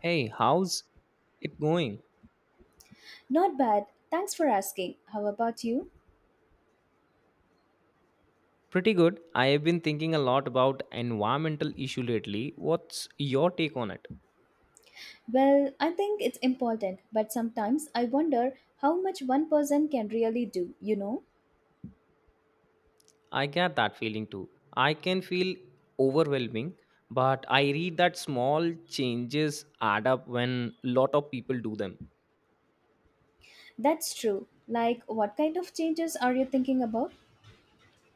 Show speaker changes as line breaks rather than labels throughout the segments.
Hey, how's it going?
Not bad. Thanks for asking. How about you?
Pretty good. I have been thinking a lot about environmental issue lately. What's your take on it?
Well, I think it's important, but sometimes I wonder how much one person can really do, you know?
I get that feeling too. I can feel overwhelming, but I read that small changes add up when lot of people do them.
That's true. Like, what kind of changes are you thinking about?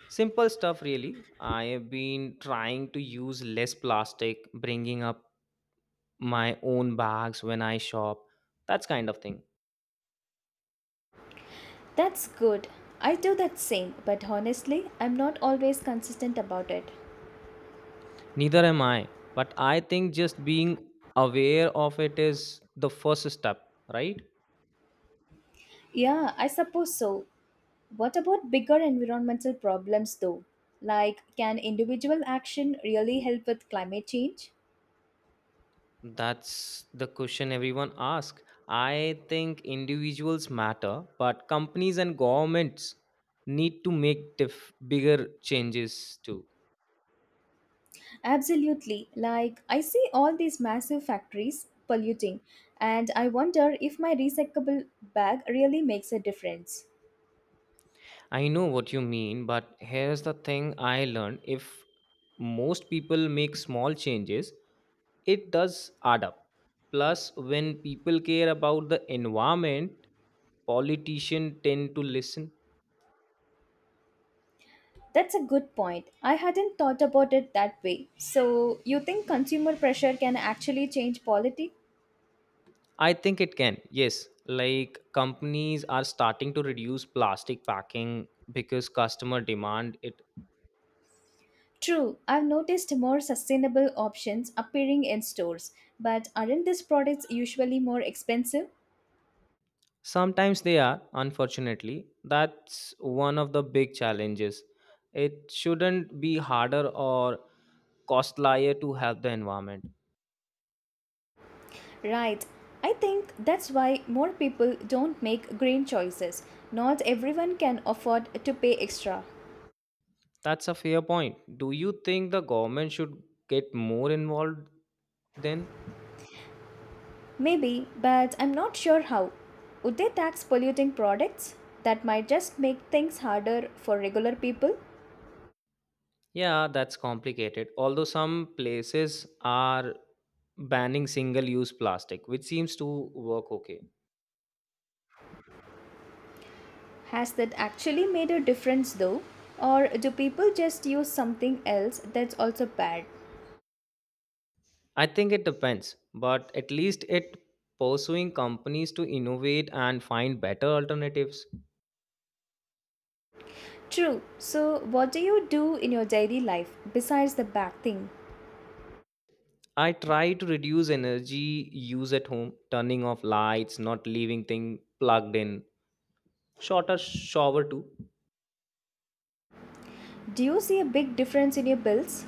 Simple stuff really. I have been trying to use less plastic, bringing up my own bags when I shop, that's kind of thing.
That's good. I do that same, but honestly, I'm not always consistent about it.
Neither am I. But I think just being aware of it is the first step, right?
Yeah, I suppose so. What about bigger environmental problems though? Like, can individual action really help with climate change?
That's the question everyone asks. I think individuals matter, but companies and governments need to make bigger changes too.
Absolutely. Like, I see all these massive factories polluting, and I wonder if my recyclable bag really makes a difference.
I know what you mean, but here's the thing I learned if most people make small changes, it does add up. Plus, when people care about the environment, politicians tend to listen.
That's a good point. I hadn't thought about it that way. So, you think consumer pressure can actually change politics?
I think it can, yes. Like companies are starting to reduce plastic packing because customer demand it.
True, I've noticed more sustainable options appearing in stores, but aren't these products usually more expensive?
Sometimes they are, unfortunately. That's one of the big challenges. It shouldn't be harder or costlier to help the environment.
Right. I think that's why more people don't make green choices. Not everyone can afford to pay extra.
That's a fair point. Do you think the government should get more involved then?
Maybe, but I'm not sure how. Would they tax polluting products? That might just make things harder for regular people.
Yeah, that's complicated. Although some places are banning single use plastic, which seems to work okay.
Has that actually made a difference though? Or do people just use something else that's also bad?
I think it depends, but at least it pursuing companies to innovate and find better alternatives.
True. So, what do you do in your daily life besides the bad thing?
I try to reduce energy use at home, turning off lights, not leaving thing plugged in, shorter shower too.
Do you see a big difference in your bills?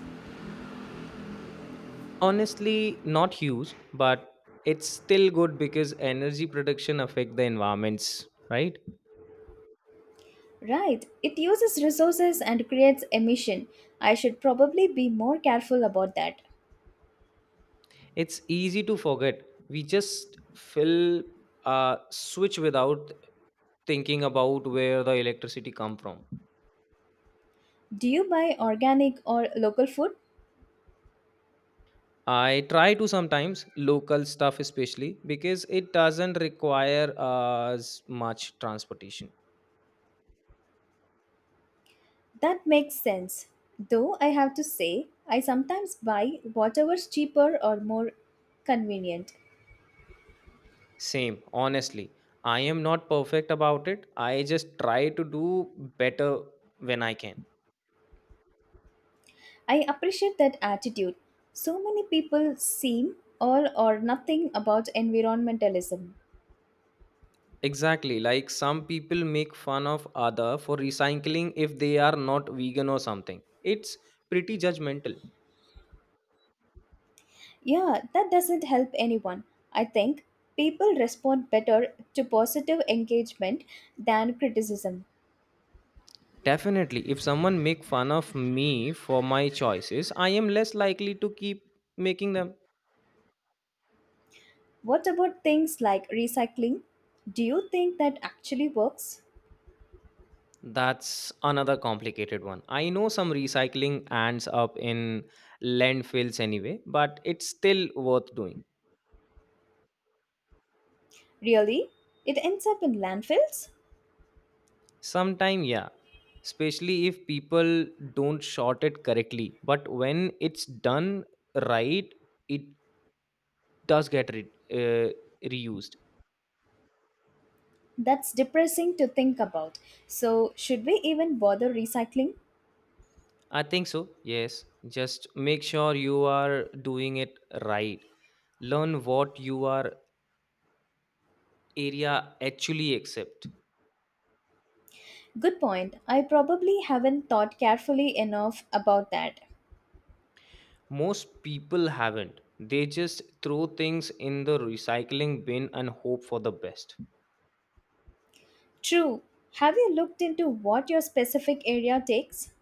Honestly, not huge, but it's still good because energy production affect the environments, right?
Right, it uses resources and creates emission. I should probably be more careful about that.
It's easy to forget. We just fill a switch without thinking about where the electricity come from.
Do you buy organic or local food?
I try to sometimes local stuff, especially because it doesn't require as much transportation.
That makes sense. Though I have to say, I sometimes buy whatever's cheaper or more convenient.
Same, honestly. I am not perfect about it. I just try to do better when I can.
I appreciate that attitude. So many people seem all or nothing about environmentalism.
Exactly. Like some people make fun of other for recycling if they are not vegan or something. It's pretty judgmental.
Yeah, that doesn't help anyone. I think people respond better to positive engagement than criticism.
Definitely, if someone make fun of me for my choices, I am less likely to keep making them.
What about things like recycling? Do you think that actually works?
That's another complicated one. I know some recycling ends up in landfills anyway, but it's still worth doing.
Really? It ends up in landfills?
Sometime, yeah, especially if people don't sort it correctly. But when it's done right, it does reused.
That's depressing to think about. So, should we even bother recycling?
I think so, yes. Just make sure you are doing it right. Learn what your area actually accepts.
Good point. I probably haven't thought carefully enough about that.
Most people haven't. They just throw things in the recycling bin and hope for the best.
True. Have you looked into what your specific area takes?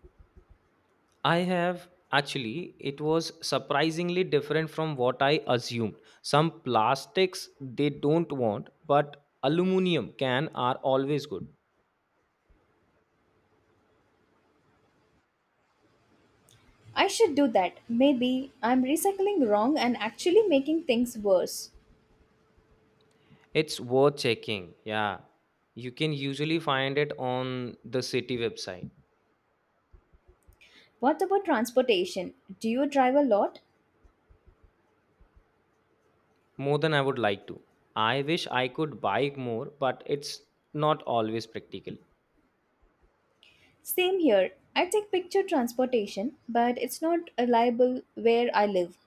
I have actually, it was surprisingly different from what I assumed. Some plastics they don't want, but aluminum can are always good.
I should do that. Maybe I'm recycling wrong and actually making things worse.
It's worth checking. Yeah. You can usually find it on the city website.
What about transportation? Do you drive a lot?
More than I would like to. I wish I could buy more, but it's not always practical.
Same here. I take picture transportation, but it's not reliable where I live.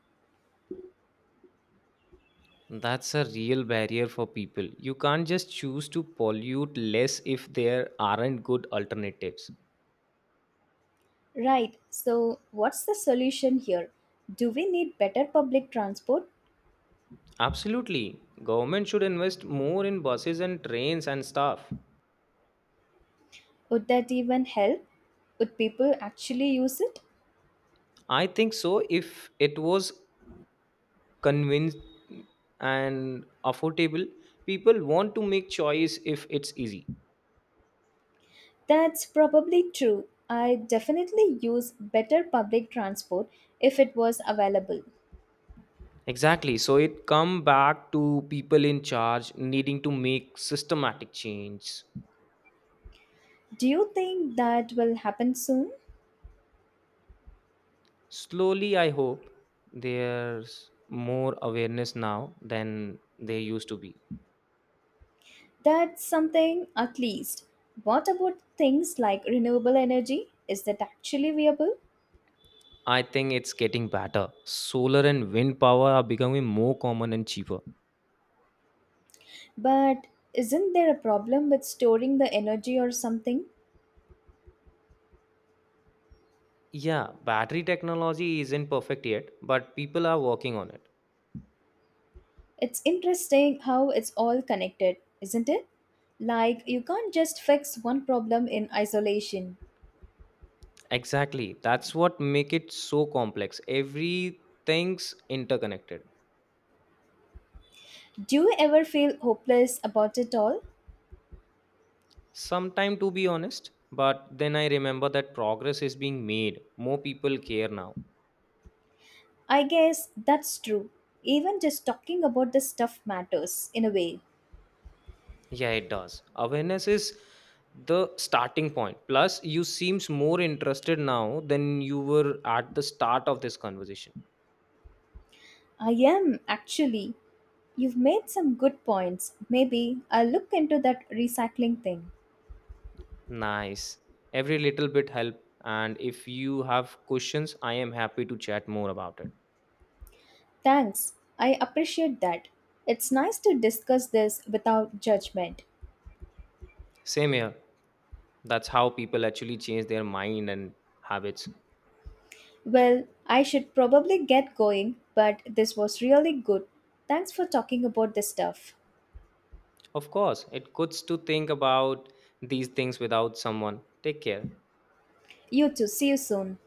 That's a real barrier for people. You can't just choose to pollute less if there aren't good alternatives.
Right, so what's the solution here? Do we need better public transport?
Absolutely. Government should invest more in buses and trains and stuff.
Would that even help? Would people actually use it?
I think so if it was convinced and affordable, people want to make choice if it's easy.
That's probably true. I definitely use better public transport if it was available.
Exactly. So it come back to people in charge needing to make systematic change.
Do you think that will happen soon?
Slowly, I hope there's more awareness now than there used to be.
That's something at least. What about things like renewable energy? Is that actually viable?
I think it's getting better. Solar and wind power are becoming more common and cheaper.
But isn't there a problem with storing the energy or something?
Yeah, battery technology isn't perfect yet, but people are working on it.
It's interesting how it's all connected, isn't it? Like you can't just fix one problem in isolation.
Exactly. That's what make it so complex. Everything's interconnected.
Do you ever feel hopeless about it all?
Sometime to be honest, but then I remember that progress is being made. More people care now.
I guess that's true. Even just talking about this stuff matters in a way.
Yeah, it does. Awareness is the starting point. Plus, you seems more interested now than you were at the start of this conversation.
I am actually. You've made some good points. Maybe I'll look into that recycling thing.
Nice. Every little bit help. And if you have questions, I am happy to chat more about it.
Thanks. I appreciate that. It's nice to discuss this without judgment.
Same here. That's how people actually change their mind and habits.
Well, I should probably get going, but this was really good. Thanks for talking about this stuff.
Of course, it goods to think about these things without someone. Take care.
You too. See you soon.